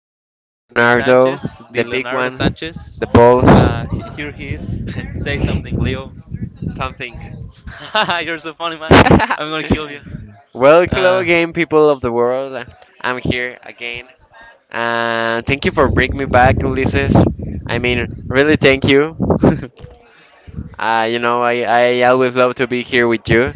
the the the Leonardo, Sanchez, the the big Leonardo one, Sanchez. the balls, Here he is. Say something, Leo. something. You're so funny, man. I'm gonna kill you. Well, hello Uh, again, people of the world. I'm here again. Thank you for bringing me back, Ulysses. I mean, really, thank you. I always love to be here with you.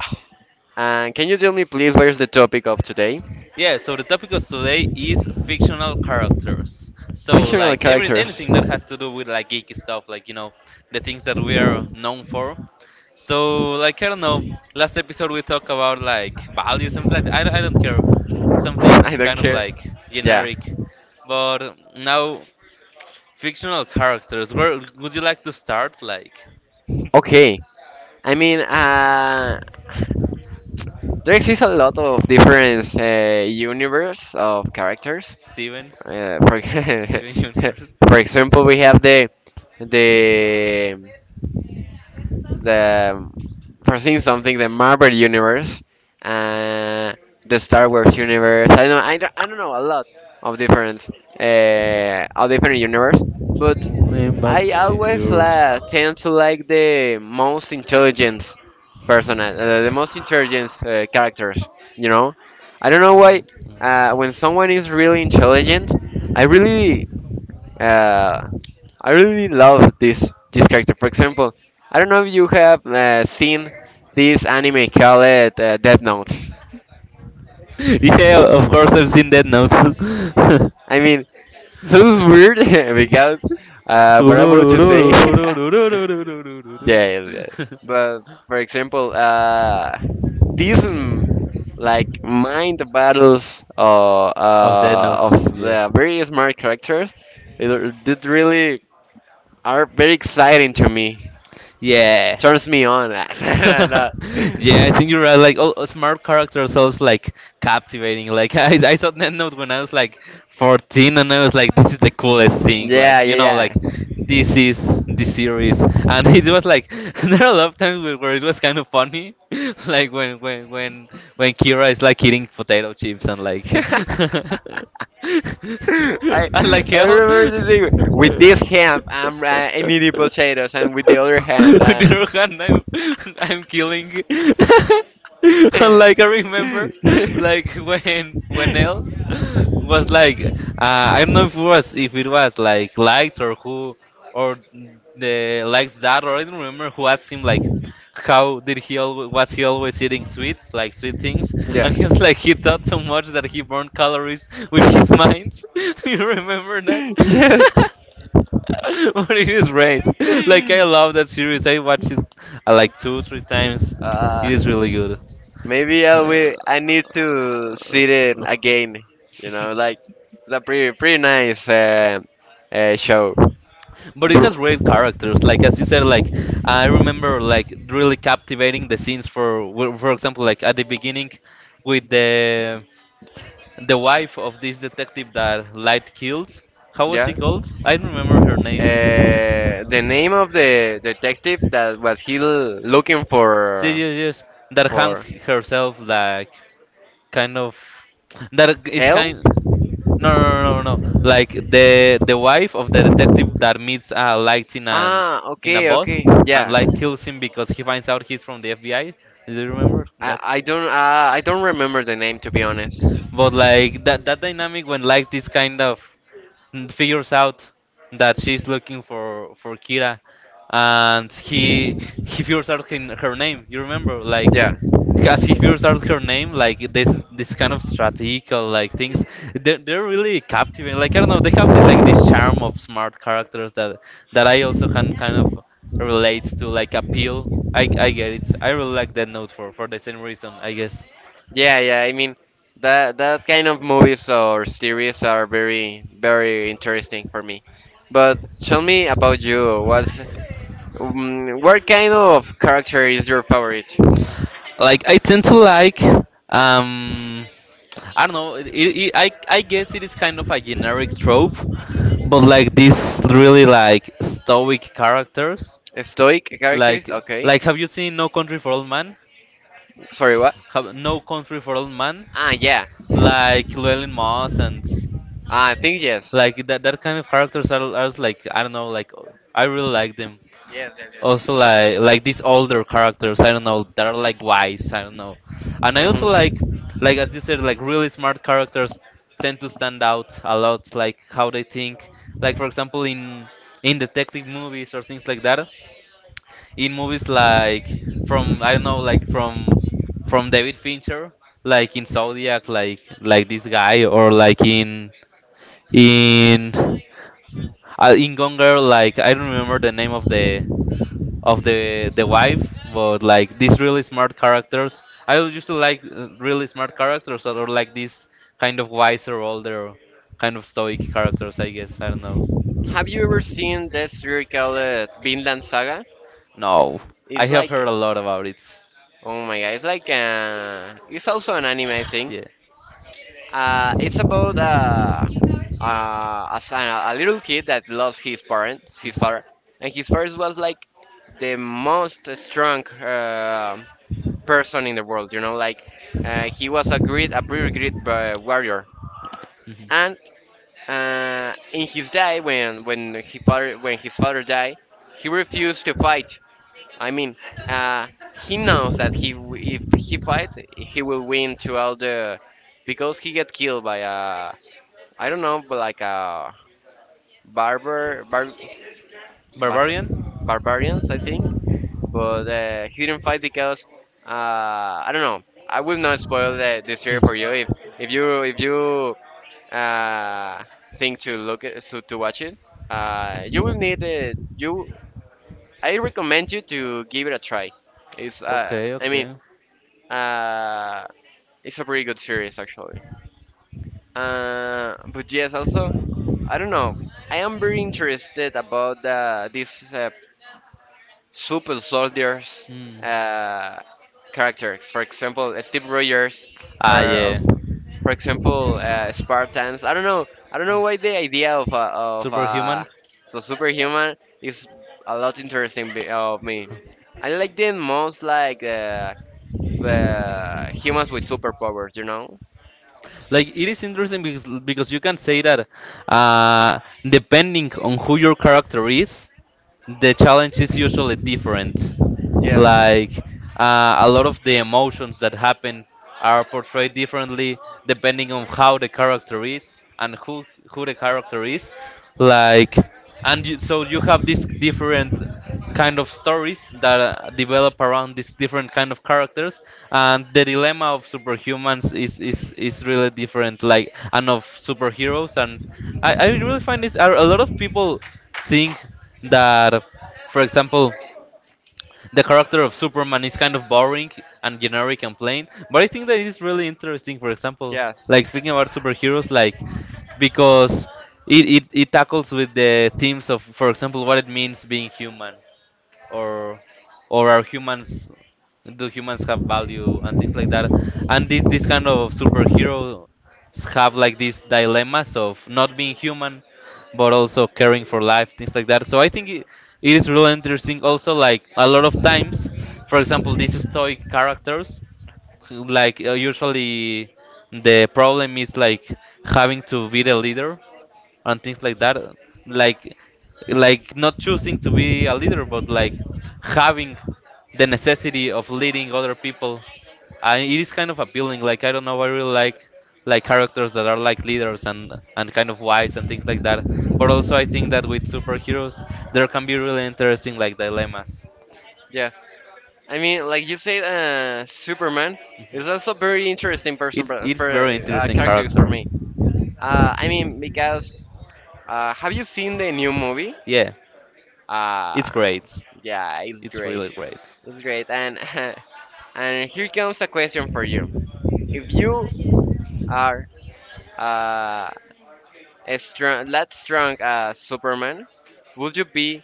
And can you tell me, please, where's the topic of today? Yeah, so the topic of today is fictional characters. So Fictional like every characters. anything that has to do with like geeky stuff, like you know, the things that we are known for. So like I don't know, last episode we talked about like values, something like that. I don't care, something I don't kind of care. like Yeah. generic. But now fictional characters. Where would you like to start? Like Okay. I mean, uh, There exists a lot of different universe of characters. Steven, For, Steven Universe. for example, we have the the for seeing something, the Marvel universe, uh, the Star Wars universe. I know I don't know a lot of different of different universe, but Lean back I the always years. Tend to like the most intelligent person, the most intelligent characters. You know, I don't know why. Mm, When someone mm. is really intelligent, I really uh, I really love this character. For example, I don't know if you have seen this anime called Death Note. Yeah, of course I've seen Dead Note. I mean, sounds weird because what I'm about to say. Yeah, yeah. But for example, these like mind battles Of their Notes, of yeah. the very smart characters, it really are very exciting to me. Yeah. Turns me on. No, no. Yeah, I think you're right. Like, all smart characters sounds like captivating. Like, I saw Death when I was like 14, and I was like, this is the coolest thing. Yeah, Like, you know, yeah, like yeah. this is the series, and it was like there are a lot of times where it was kind of funny, like when Kira is like eating potato chips and like I and like I hell. remember the thing with this hand I'm eating potatoes, On and with the other hand, I'm the I'm I'm killing. like I remember, like when El was like, I don't know if it was like likes or who or the likes that or I don't remember who asked him like how did was he always eating sweets like sweet things yeah, and he was like he thought so much that he burned calories with his mind. Do you remember that? yes. But it is great. Like I love that series. I watched it like two, three times. It is Uh, really good. Maybe I will. I need to see it Uh, again. You know, like the pretty pretty nice show. but it has great characters. Like as you said, like I remember like really captivating the scenes for for example, like at the beginning with the wife of this detective that Light killed. How was Yeah. she called? I don't remember her name. The name of the detective that was he l- looking She just that hangs for herself like kind of that is kind. help? No, no, no, no, no, like the wife of the detective that meets light in an Ah, in a okay, bus okay, and yeah. light kills him because he finds out he's from the FBI. Do you remember I, that? I don't uh, I don't remember the name to be honest. But like that dynamic when like this kind of figures out that she's looking for Kira, and he figures out her, her name. You remember like Yeah, as he figures out her name, like this kind of strategical like things, they're really captivating. Like I don't know, they have the, like this charm of smart characters that I also can kind of relate to, like appeal. I get it. I really like that note for the same reason, I guess. yeah, yeah. I mean, that that kind of movies or series are very very interesting for me. But tell me about you. What kind of character is your favorite? Like I tend to like um. I don't know. I guess it is kind of a generic trope, but like these really like stoic characters. Stoic characters? Like, Okay. like, have you seen No Country for Old Man? Sorry, what? Have No Country for Old Man? Ah, yeah. Like Llewellyn Moss and Ah, I think yes. like that kind of characters are just like I don't know, like I really like them. Yes, yes, yes. Also like these older characters, I don't know, that are like wise, I don't know. And I also Mhm. like as you said, like really smart characters tend to stand out a lot, like how they think. Like for example in detective movies or things like that, in movies like from I don't know like from David Fincher like in Zodiac like this guy or like in in Gone Girl like I don't remember the name of the of the wife but like these really smart characters I used to like really smart characters or like these kind of wiser older kind of stoic characters I guess I don't know. Have you ever seen this series called Vinland Saga? No, I It's have like, heard a lot about it. oh my god, it's like, it's also an anime, I think. Yeah. It's about a, son- a little kid that lost his parents, his Mhm. father, and his father was like the most strong person in the world. You know, like he was a great, a pretty great warrior, and in his day, when his father died, he refused to fight. I mean, uh, he knows that he w- if he fight, he will win to all the because he get killed by a Mhm. I don't know, but like a barber bar, bar, Barbarian? barbarians, I think. But he didn't fight because uh, I don't know. I will not spoil the story Hmm. for you if you if you uh, thing to look at, so to watch it. You will need it. You, I recommend you to give it a try. It's, Okay, I mean, okay. uh, it's a pretty good series actually. But yes, also, I don't know. I am very interested about these super soldiers Hmm. uh, characters. For example, Steve Rogers Ah, or yeah. for example, Spartans. I don't know. I don't Hmm. know why the idea of Superhuman? so superhuman is a lot interesting be- of me. I like them most like the humans with superpowers. You know? Like it is interesting because you can say that uh, depending on who your character is, the challenge is usually different. Yes. Like a lot of the emotions that happen are portrayed differently depending on how the character is and who the character is. Like and you, so you have these different kind of stories that develop around these different kind of characters and the dilemma of superhumans is really different like and of superheroes and I really find this a lot of people think that for example the character of superman is kind of boring and generic and plain but I think that it's really interesting for example Yes. like speaking about superheroes like because it tackles with the themes of for example what it means being human or or are humans do humans have value and things like that and this kind of superheroes have like these dilemmas of not being human but also caring for life things like that so I think it is really interesting also like a lot of times for example these stoic characters who, like usually the problem is like having to be the leader and things like that like like not choosing to be a leader but like having the necessity of leading other people and it is kind of appealing like I don't know I really like characters that are like leaders and kind of wise and things like that but also I think that with superheroes there can be really interesting like dilemmas. Yes. I mean, like you said, Superman is also very interesting person It it's for very interesting characters for character. me. I mean, because have you seen the new movie? Yeah it's Uh, great yeah, it's it's great. really great. It's great, and and here comes a question for you. If you are uh, as strong, that strong as Superman, would you be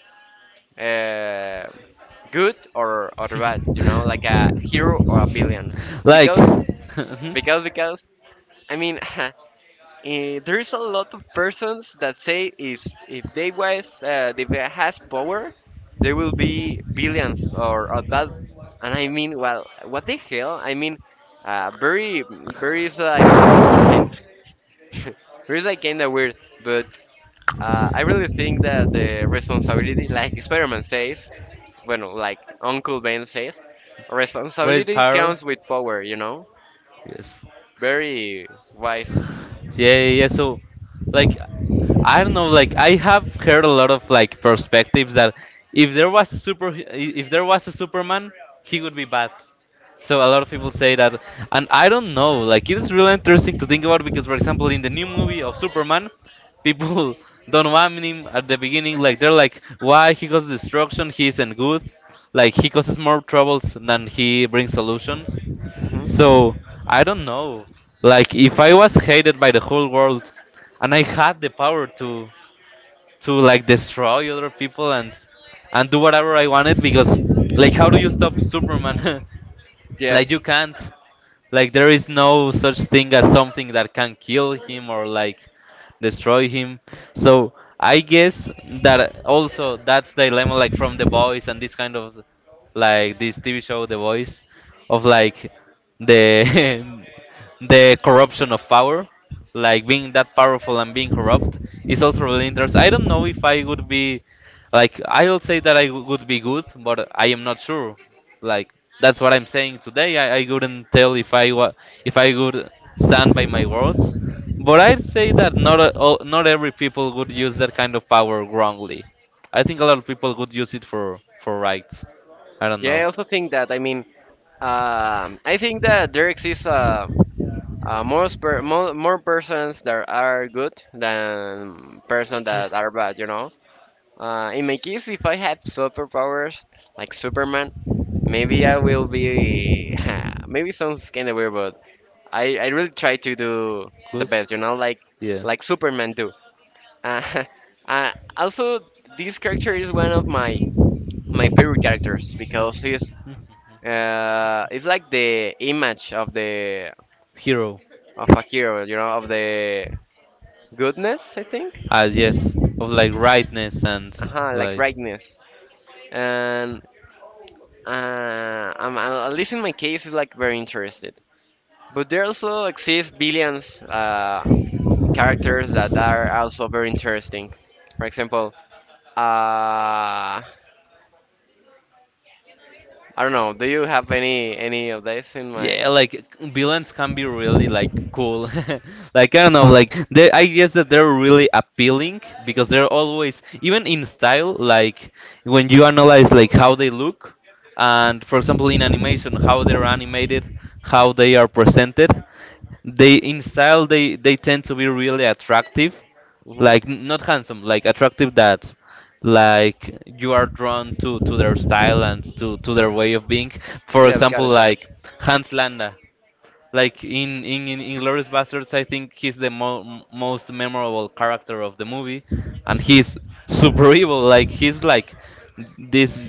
uh, good or bad? You know, like a Good, hero or a hero? villain? Like, Because, mhm. because, because, I mean, eh, there is a lot of persons that say is if they was if they has power, there will be billions or that. And I mean, well, what the hell? I mean, very very like kind very like kind of weird. But I really think that the responsibility, like Spider-Man says, well, like Uncle Ben says, Great with responsibility power, comes with know. power. You know, Yes. very wise. Yeah, yeah, yeah. So, like, I don't know. Like, I have heard a lot of like perspectives that if there was a super, if there was a Superman, he would be bad. So a lot of people say that, and I don't know. Like, it is really interesting to think about because, for example, in the new movie of Superman, people don't want him at the beginning. Like, they're like, why he causes destruction? He isn't good. Like, he causes more troubles than he brings solutions. Mhm. So I don't know. Like if I was hated by the whole world and I had the power to like destroy other people and do whatever I wanted because like how do you stop Superman? Like you Yes. can't. Like there is no such thing as something that can kill him or like destroy him. So I guess that also that's the dilemma like from the boys and this kind of like this TV show The Voice of like the the corruption of power like being that powerful and being corrupt is also really interesting. I don't know if I would be like I'll say that I would be good, but I am not sure. Like that's what I'm saying today. I couldn't tell if I if I would stand by my words, but I'd say that not a- all, not every people would use that kind of power wrongly. I think a lot of people would use it for right. I don't Yeah, know. I also think that. I mean, I think that there exists more persons that are good than persons that are bad. You know, in my case, if I had superpowers like Superman, maybe I will be. Maybe sounds kind of weird, but I really try to do the Good? best. You know, Yeah. like Superman do. Uh, uh, also, this character is one of my Mm. my favorite characters because he's it's like the image of the Hero. of a hero, you know, of the goodness, I think. Ah, yes. Of like rightness and Uh-huh, like like. rightness. And I'm, I- at least in my case, it's like very interested. But there also exist billions characters that are also very interesting. For example, I don't know. Do you have any of this in my? Yeah, like villains can be really like cool. Like I don't know, like they I guess that they're really appealing because they're always even in style, like when you analyze like how they look and for example in animation how they're animated, how they are presented, they in style they tend to be really attractive Mm-hmm. like not handsome like attractive dads like you are drawn to their style and to their way of being for Yeah, got example it, got it. like hans landa like in inglorious bastards I think he's the most memorable character of the movie and he's super evil like he's like this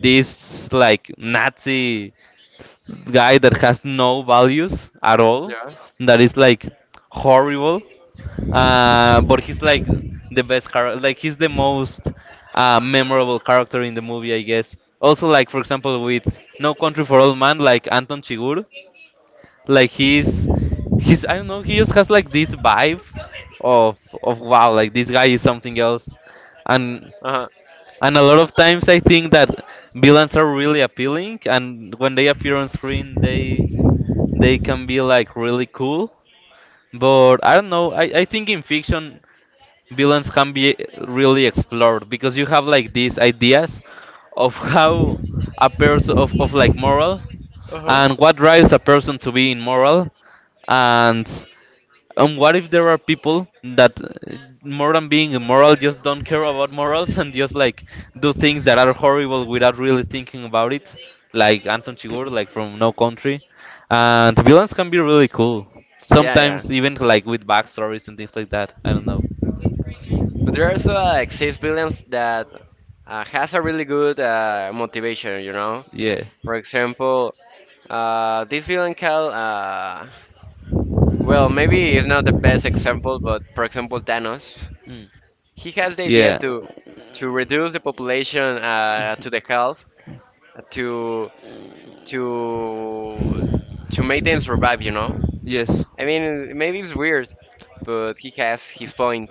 this like nazi guy that has no values at all, Yeah. that is like horrible. But he's like the best character. Like he's the most memorable character in the movie, I guess. Also, like for example, with No Country for Old Man, like Anton Chigurh, like he's I don't know, he just has like this vibe of of wow, like this guy is something else, and Uh and a lot of times I think that villains are really appealing, and when they appear on screen, they can be like really cool. But I don't know. I think in fiction villains can be really explored because you have like these ideas of how a person of like moral, huh. Uh huh. and what drives a person to be immoral and and what if there are people that, more than being immoral, just don't care about morals and just like do things that are horrible without really thinking about it, like Anton Chigurh, like from No Country, and villains can be really cool. Yeah, Sometimes even like with backstories and things like that. I don't know. but there are also like six villains that has a really good motivation, you know. Yeah. For example, this villain called well, maybe it's not the best example, but for example, Thanos, Mm. he has the idea Yeah. To reduce the population to the health to to to make them survive, you know. Yes. I mean, maybe it's weird, but he has his point.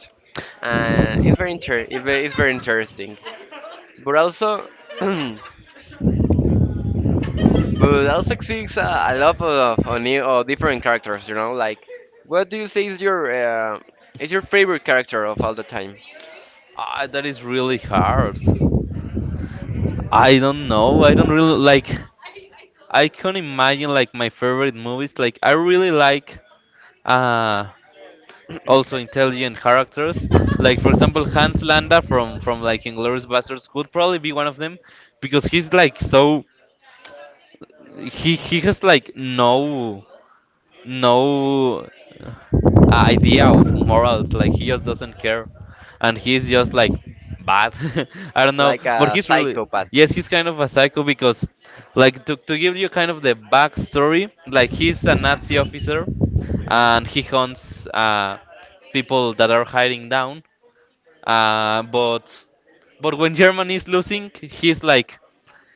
It's very inter- it's very interesting. But also, but L six six, I love new different characters. You know, like what do you say is your favorite character of all the time? Ah, that is really hard. I don't know. I don't really like. I can not imagine like my favorite movies. Like I really like uh also intelligent characters. Like for example Hans Landa from like Inglourious Basterds could probably be one of them because he's like so he has like no no uh, idea of morals. Like he just doesn't care, and he's just like bad. I don't know, Like but a he's really psychopath. yes, he's kind of a psycho because, like, to give you kind of the backstory, like he's a Nazi officer, Mhm. and he hunts people that are hiding down. Uh, but but when Germany is losing, he's like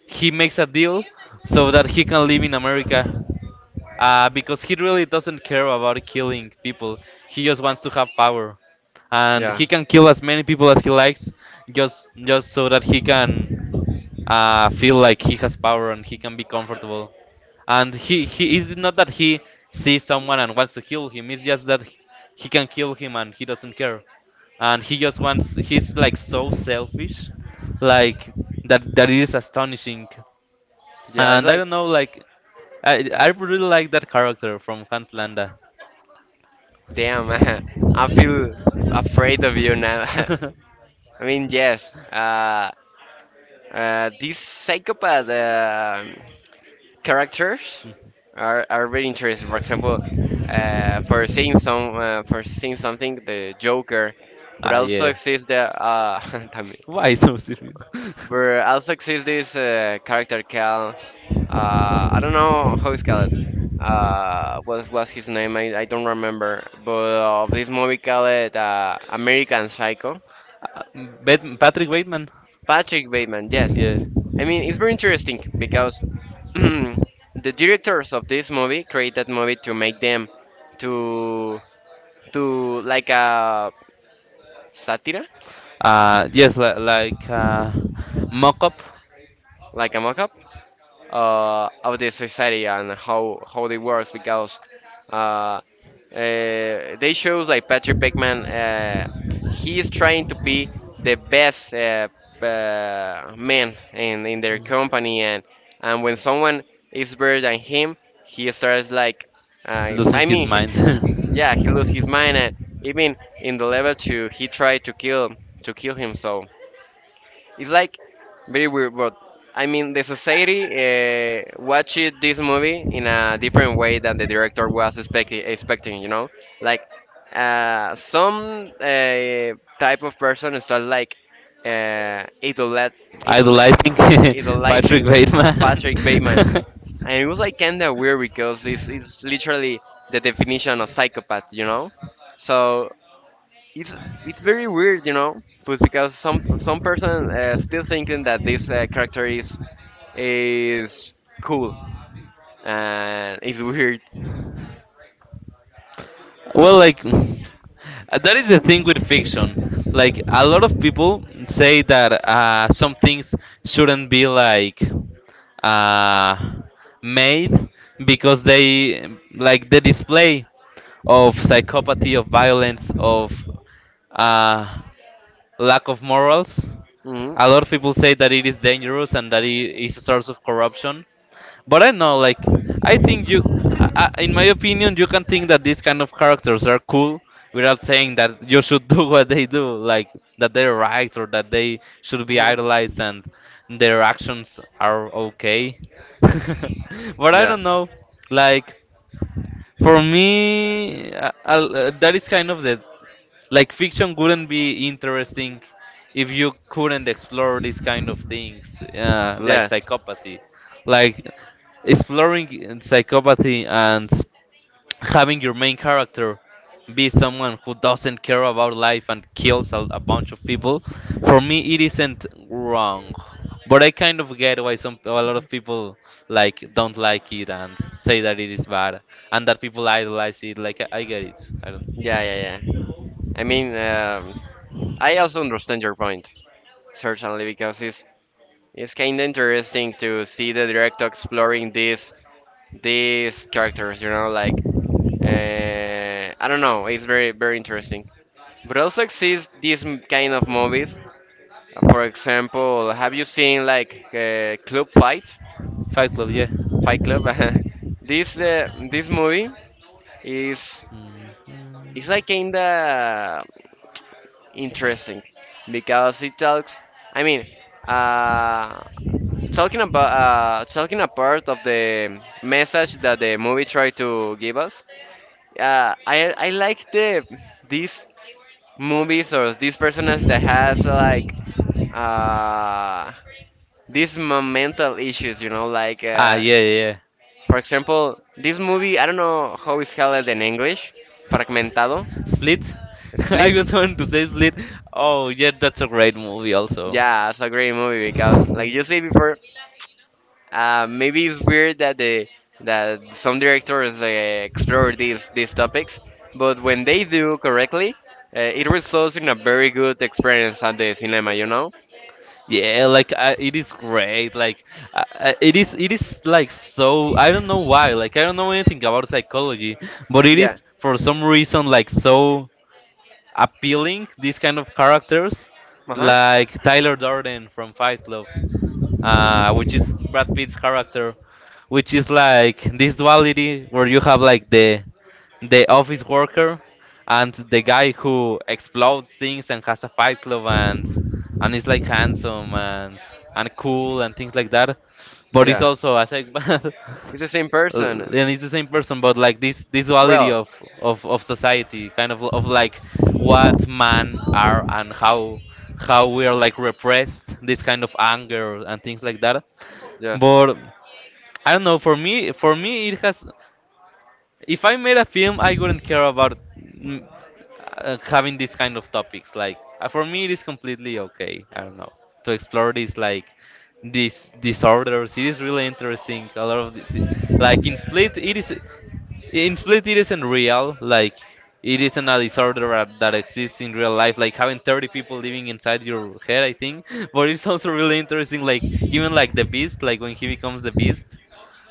he makes a deal so that he can live in America because he really doesn't care about killing people. He just wants to have power, and Yeah. he can kill as many people as he likes, just so that he can feel like he has power and he can be comfortable. And he is not that he sees someone and wants to kill him. It's just that he can kill him and he doesn't care, and he just wants. He's like so selfish, like that it is astonishing. Yeah, it's And I like, don't know, like, I really like that character from Hans Landa. damn, I feel afraid of you now. I mean, yes, these psychopath characters are very interesting. For example, for seeing something, the Joker, but ah, also yeah. exists the también. Why so serious? But also exists this character called I don't know how it's called. What was his name? I don't remember. But of this movie called American Psycho, Uh, Patrick Bateman. Patrick Bateman. Yes, Yeah. I mean it's very interesting because the directors of this movie create that movie to make them to to like a satire, Yes, li like mock-up. like a mock-up of the society and how they works because uh, they shows like Patrick Bateman, he is trying to be the best man in their Mm. company and when someone is better than him he starts like Losing I his mean, he mind. yeah, he lose his mind, and even in the level two, he tried to kill him. So it's like very weird, but I mean, the society watched this movie in a different way than the director was expecti- expecting. You know, like some type of person start like uh, idol idol idolizing Patrick Bateman and it was like kind of weird because it's literally the definition of psychopath, you know. So it's it's very weird, you know, but because some person still thinking that this character is cool and it's weird. Well, like that is the thing with fiction. Like a lot of people say that some things shouldn't be like uh, made because they like the display of psychopathy, of violence, of uh, lack of morals. Hmm. A lot of people say that it is dangerous and that it is a source of corruption. But I know, like, I think you, in my opinion, you can think that these kind of characters are cool without saying that you should do what they do, like that they're right or that they should be Hmm. idolized and their actions are okay. But I Yeah, don't know, like. For me, that is kind of the like fiction wouldn't be interesting if you couldn't explore these kind of things, like yeah, psychopathy, like exploring psychopathy and having your main character be someone who doesn't care about life and kills a bunch of people, for me it isn't wrong. But I kind of get why some a lot of people like don't like it and say that it is bad and that people idolize it. Like I get it. I don't. yeah, yeah, yeah. I mean, I also understand your point certainly because it's kind of interesting to see the director exploring these characters, you know, like I don't know. It's very very interesting. But also exists these m- kind of movies. For example, have you seen like Club Fight? Fight Club, yeah. Fight Club. This It's. This movie is Mhm. it's like kinda interesting because it talks. I mean, uh, talking about talking apart of the message that the movie tried to give us. I like the this movies or these personas that has like uh these mental issues, you know, like Ah, yeah, yeah, yeah. for example this movie I don't know how it's called in English, fragmentado, Split? I split. was going to say Split. Oh, yeah, that's a great movie also. Yeah, it's a great movie because like you said before, maybe it's weird that the that some directors they explore these topics, but when they do correctly, it results in a very good experience at the cinema, you know. Yeah, like I, it is great. Like it is like so. I don't know why. Like I don't know anything about psychology, but it Yeah. is for some reason like so, appealing these kind of characters Uh-huh. like Tyler Durden from Fight Club, which is Brad Pitt's character, which is like this duality where you have like the office worker and the guy who explodes things and has a fight club and he's like handsome and cool and things like that. But he's Yeah, also a psychopath. it's the same person. and he's the same person. But like this duality Well, of of society, kind of like what man are and how we are like repressed, this kind of anger and things like that. yes. But I don't know. For me, it has. If I made a film, I wouldn't care about having these kind of topics. Like for me, it is completely okay. I don't know to explore these like these disorders. It is really interesting. A lot of like in Split, it is in Split it isn't real. Like it isn't a disorder that exists in real life. Like having 30 people living inside your head, I think. But it's also really interesting. Like even like the Beast, like when he becomes the Beast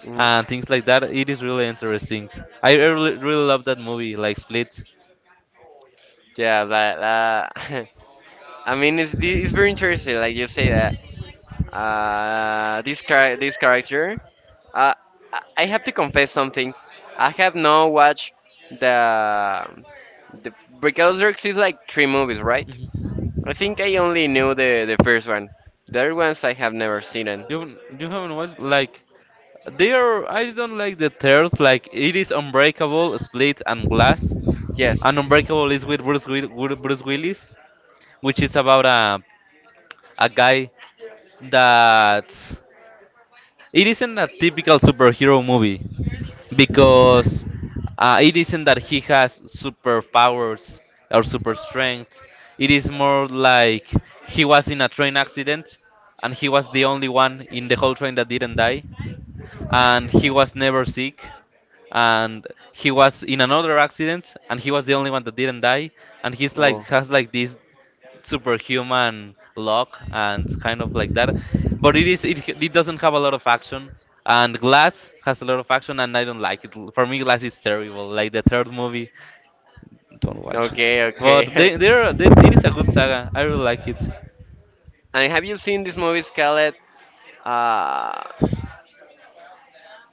Hmm. and things like that. It is really interesting. I really, really love that movie, like Split. Yeah, but I mean, it's thi- it's very interesting. Like you say that this char- this character. Uh, I have to confess something. I have not watched the the because there exists like three movies, right? Mhm. I think I only knew the first one. The other ones I have never seen. It. You haven't watched like they are. I don't like the third. Like it is Unbreakable, Split, and Glass. Yes. And Unbreakable is with Bruce Willis, which is about a guy that it isn't a typical superhero movie because it isn't that he has superpowers or super strength. It is more like he was in a train accident and he was the only one in the whole train that didn't die and he was never sick and he was in another accident and he was the only one that didn't die and he's like Oh. has like this superhuman luck and kind of like that, but it is it, it doesn't have a lot of action, and Glass has a lot of action and I don't like it. For me Glass is terrible, like the third movie, don't watch it. Okay. But Okay. they they're they, it is a good saga, I really like it. And have you seen this movie, Scarlet? Uh,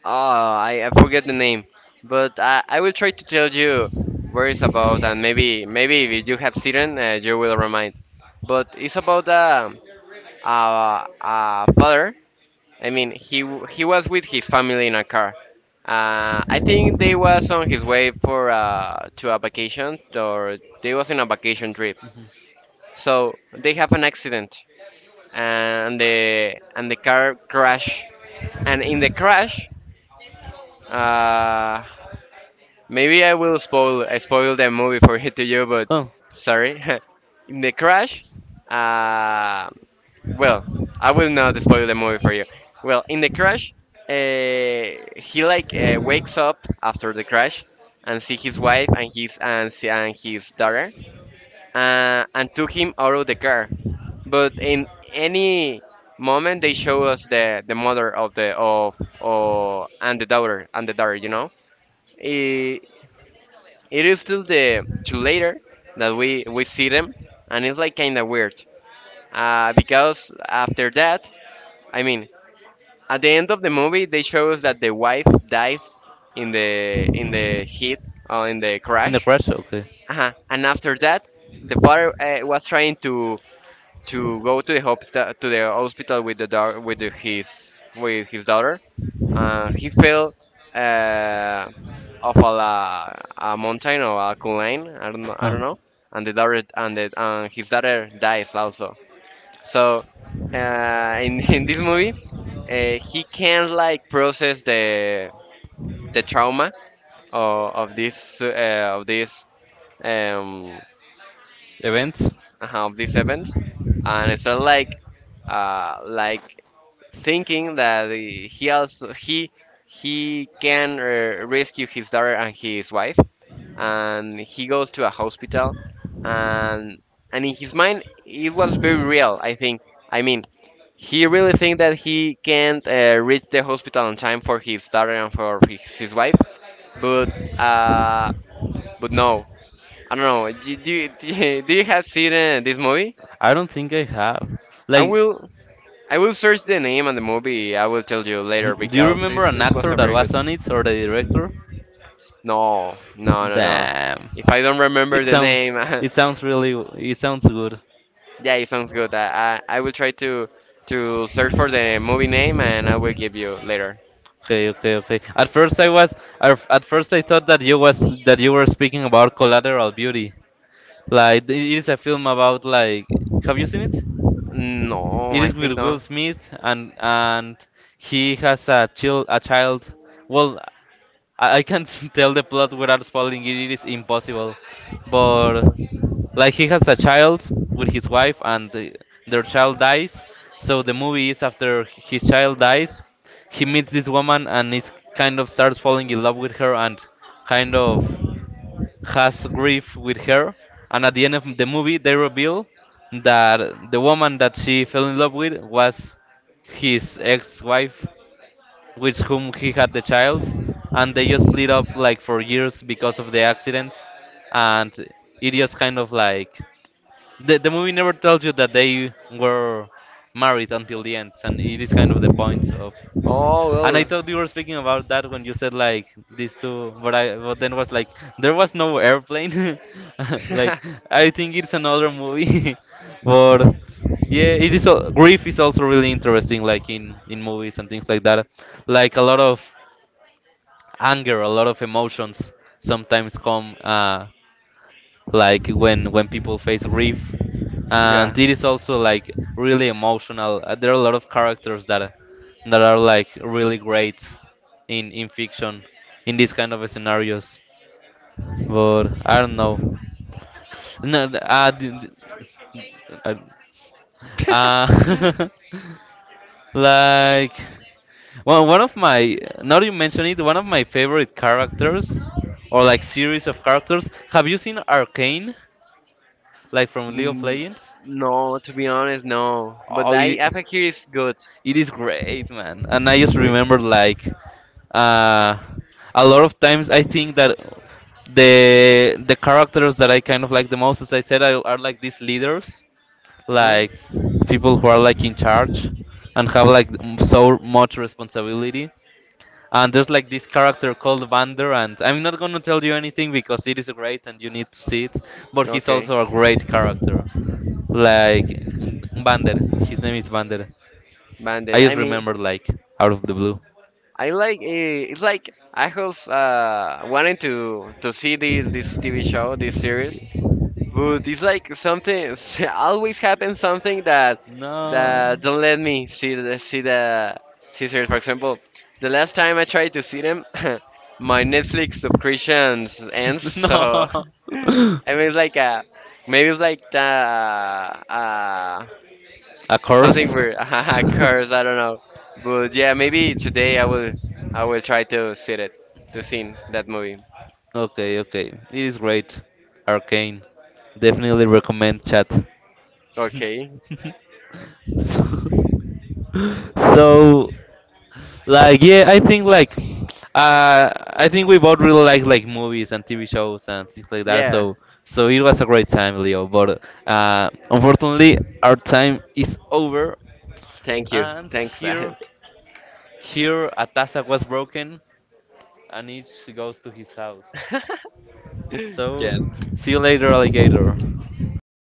I forget the name, but I will try to tell you where it's about, and maybe if you have children, you will remind. But it's about a father. I mean, he was with his family in a car. I think they was on his way for to a vacation, or they was in a vacation trip. So they have an accident, and the car crash, and in the crash. Uh, Maybe I spoil the movie for it to you, but Oh. sorry. In the crash, uh, well, I will not spoil the movie for you. Well, in the crash, he wakes up after the crash and see his wife and his daughter, and took him out of the car. But in any moment, they show us the mother of the of and the daughter, you know Eh, it is till the till later that we see them, and it's like kind of weird. Because after that, I mean, at the end of the movie, they show us that the wife dies in the in the hit or in the The crash. crash, okay. uh Uh-huh. And after that, the father was trying to go to the hospital with the dog with the, his with his daughter, and he fell uh, off a mountain or a line. I don't know, I don't Huh. know. And the daughter and the, and his daughter dies also. So in in this movie, he can like process the trauma of this of this um, Events? Of this event, and it's sort of like uh, like thinking that he also he can rescue his daughter and his wife and he goes to a hospital and and in his mind it was very real. I think, I mean, he really think that he can't reach the hospital on time for his daughter and for his wife. But uh but no, I don't know. Do you have seen this movie I don't think I have. i Like, will I will search the name and the movie. I will tell you later do you because remember an this was actor a that very good. was on it or the director? No, no, no, no. Damn. If I don't It remember the sound, name, it sounds really, it sounds good. yeah, it sounds good. I will try to search for the movie name and I will give you later. Okay, okay, okay. At first I thought that you was that you were speaking about Collateral Beauty. Like it is a film about like, have you seen it? No, It I is with think Will no. Smith and he has a child, a child. Well, I can't tell the plot without spoiling it. It is impossible. But like he has a child with his wife, and the, their child dies. So the movie is after his child dies, he meets this woman and is kind of starts falling in love with her and kind of has grief with her. And at the end of the movie, they reveal that the woman that she fell in love with was his ex-wife, with whom he had the child, and they just split up like for years because of the accident, and it just kind of like the movie never tells you that they were married until the end, and it is kind of the point of. Oh And I well. thought you were speaking about that when you said like these two, but I but then was like there was no airplane, like I think it's another movie, but yeah, it is. Grief is also really interesting, like in movies and things like that, like a lot of anger, a lot of emotions sometimes come. Like when people face grief yeah. and it is also like really emotional. There are a lot of characters that that are like really great in fiction in these kind of scenarios, but I don't know. No th- d- d- uh, uh, like, well, one of my now you mention it one of my favorite characters or like series of characters, have you seen Arcane, like from League of Mm, Legends? no, to be honest, no. But Oh, it, I think it's good. It is great, man. And I It's just great. remember like uh, a lot of times I think that the characters that I kind of like the most, as I said, are like these leaders, Hmm. like people who are like in charge and have like so much responsibility. And there's like this character called Vander, and I'm not gonna tell you anything because it is great and you need to see it. But he's Okay, also a great character, like Vander. His name is Vander. I Bandit. just I mean, remember like out of the blue. I like, it's like I was wanting to see this TV show, this series, Yeah. but it's like something always happens, something that No. that don't let me see series. For example, the last time I tried to see them, my Netflix subscription ends. So No. I mean, it's like maybe it's like the A something curse? weird. Cars. I don't know. But yeah, maybe today I will try to see it to see that movie. Okay, okay. It is great. Arcane. Definitely recommend chat. Okay. so So, like, yeah, I think like, I think we both really like movies and TV shows and things like that. Yeah. So, so it was a great time, Leo. But unfortunately, our time is over, Thank you. and Thanks. here, here, a Atasa was broken, and each goes to his house. So, Yes. see you later, alligator. See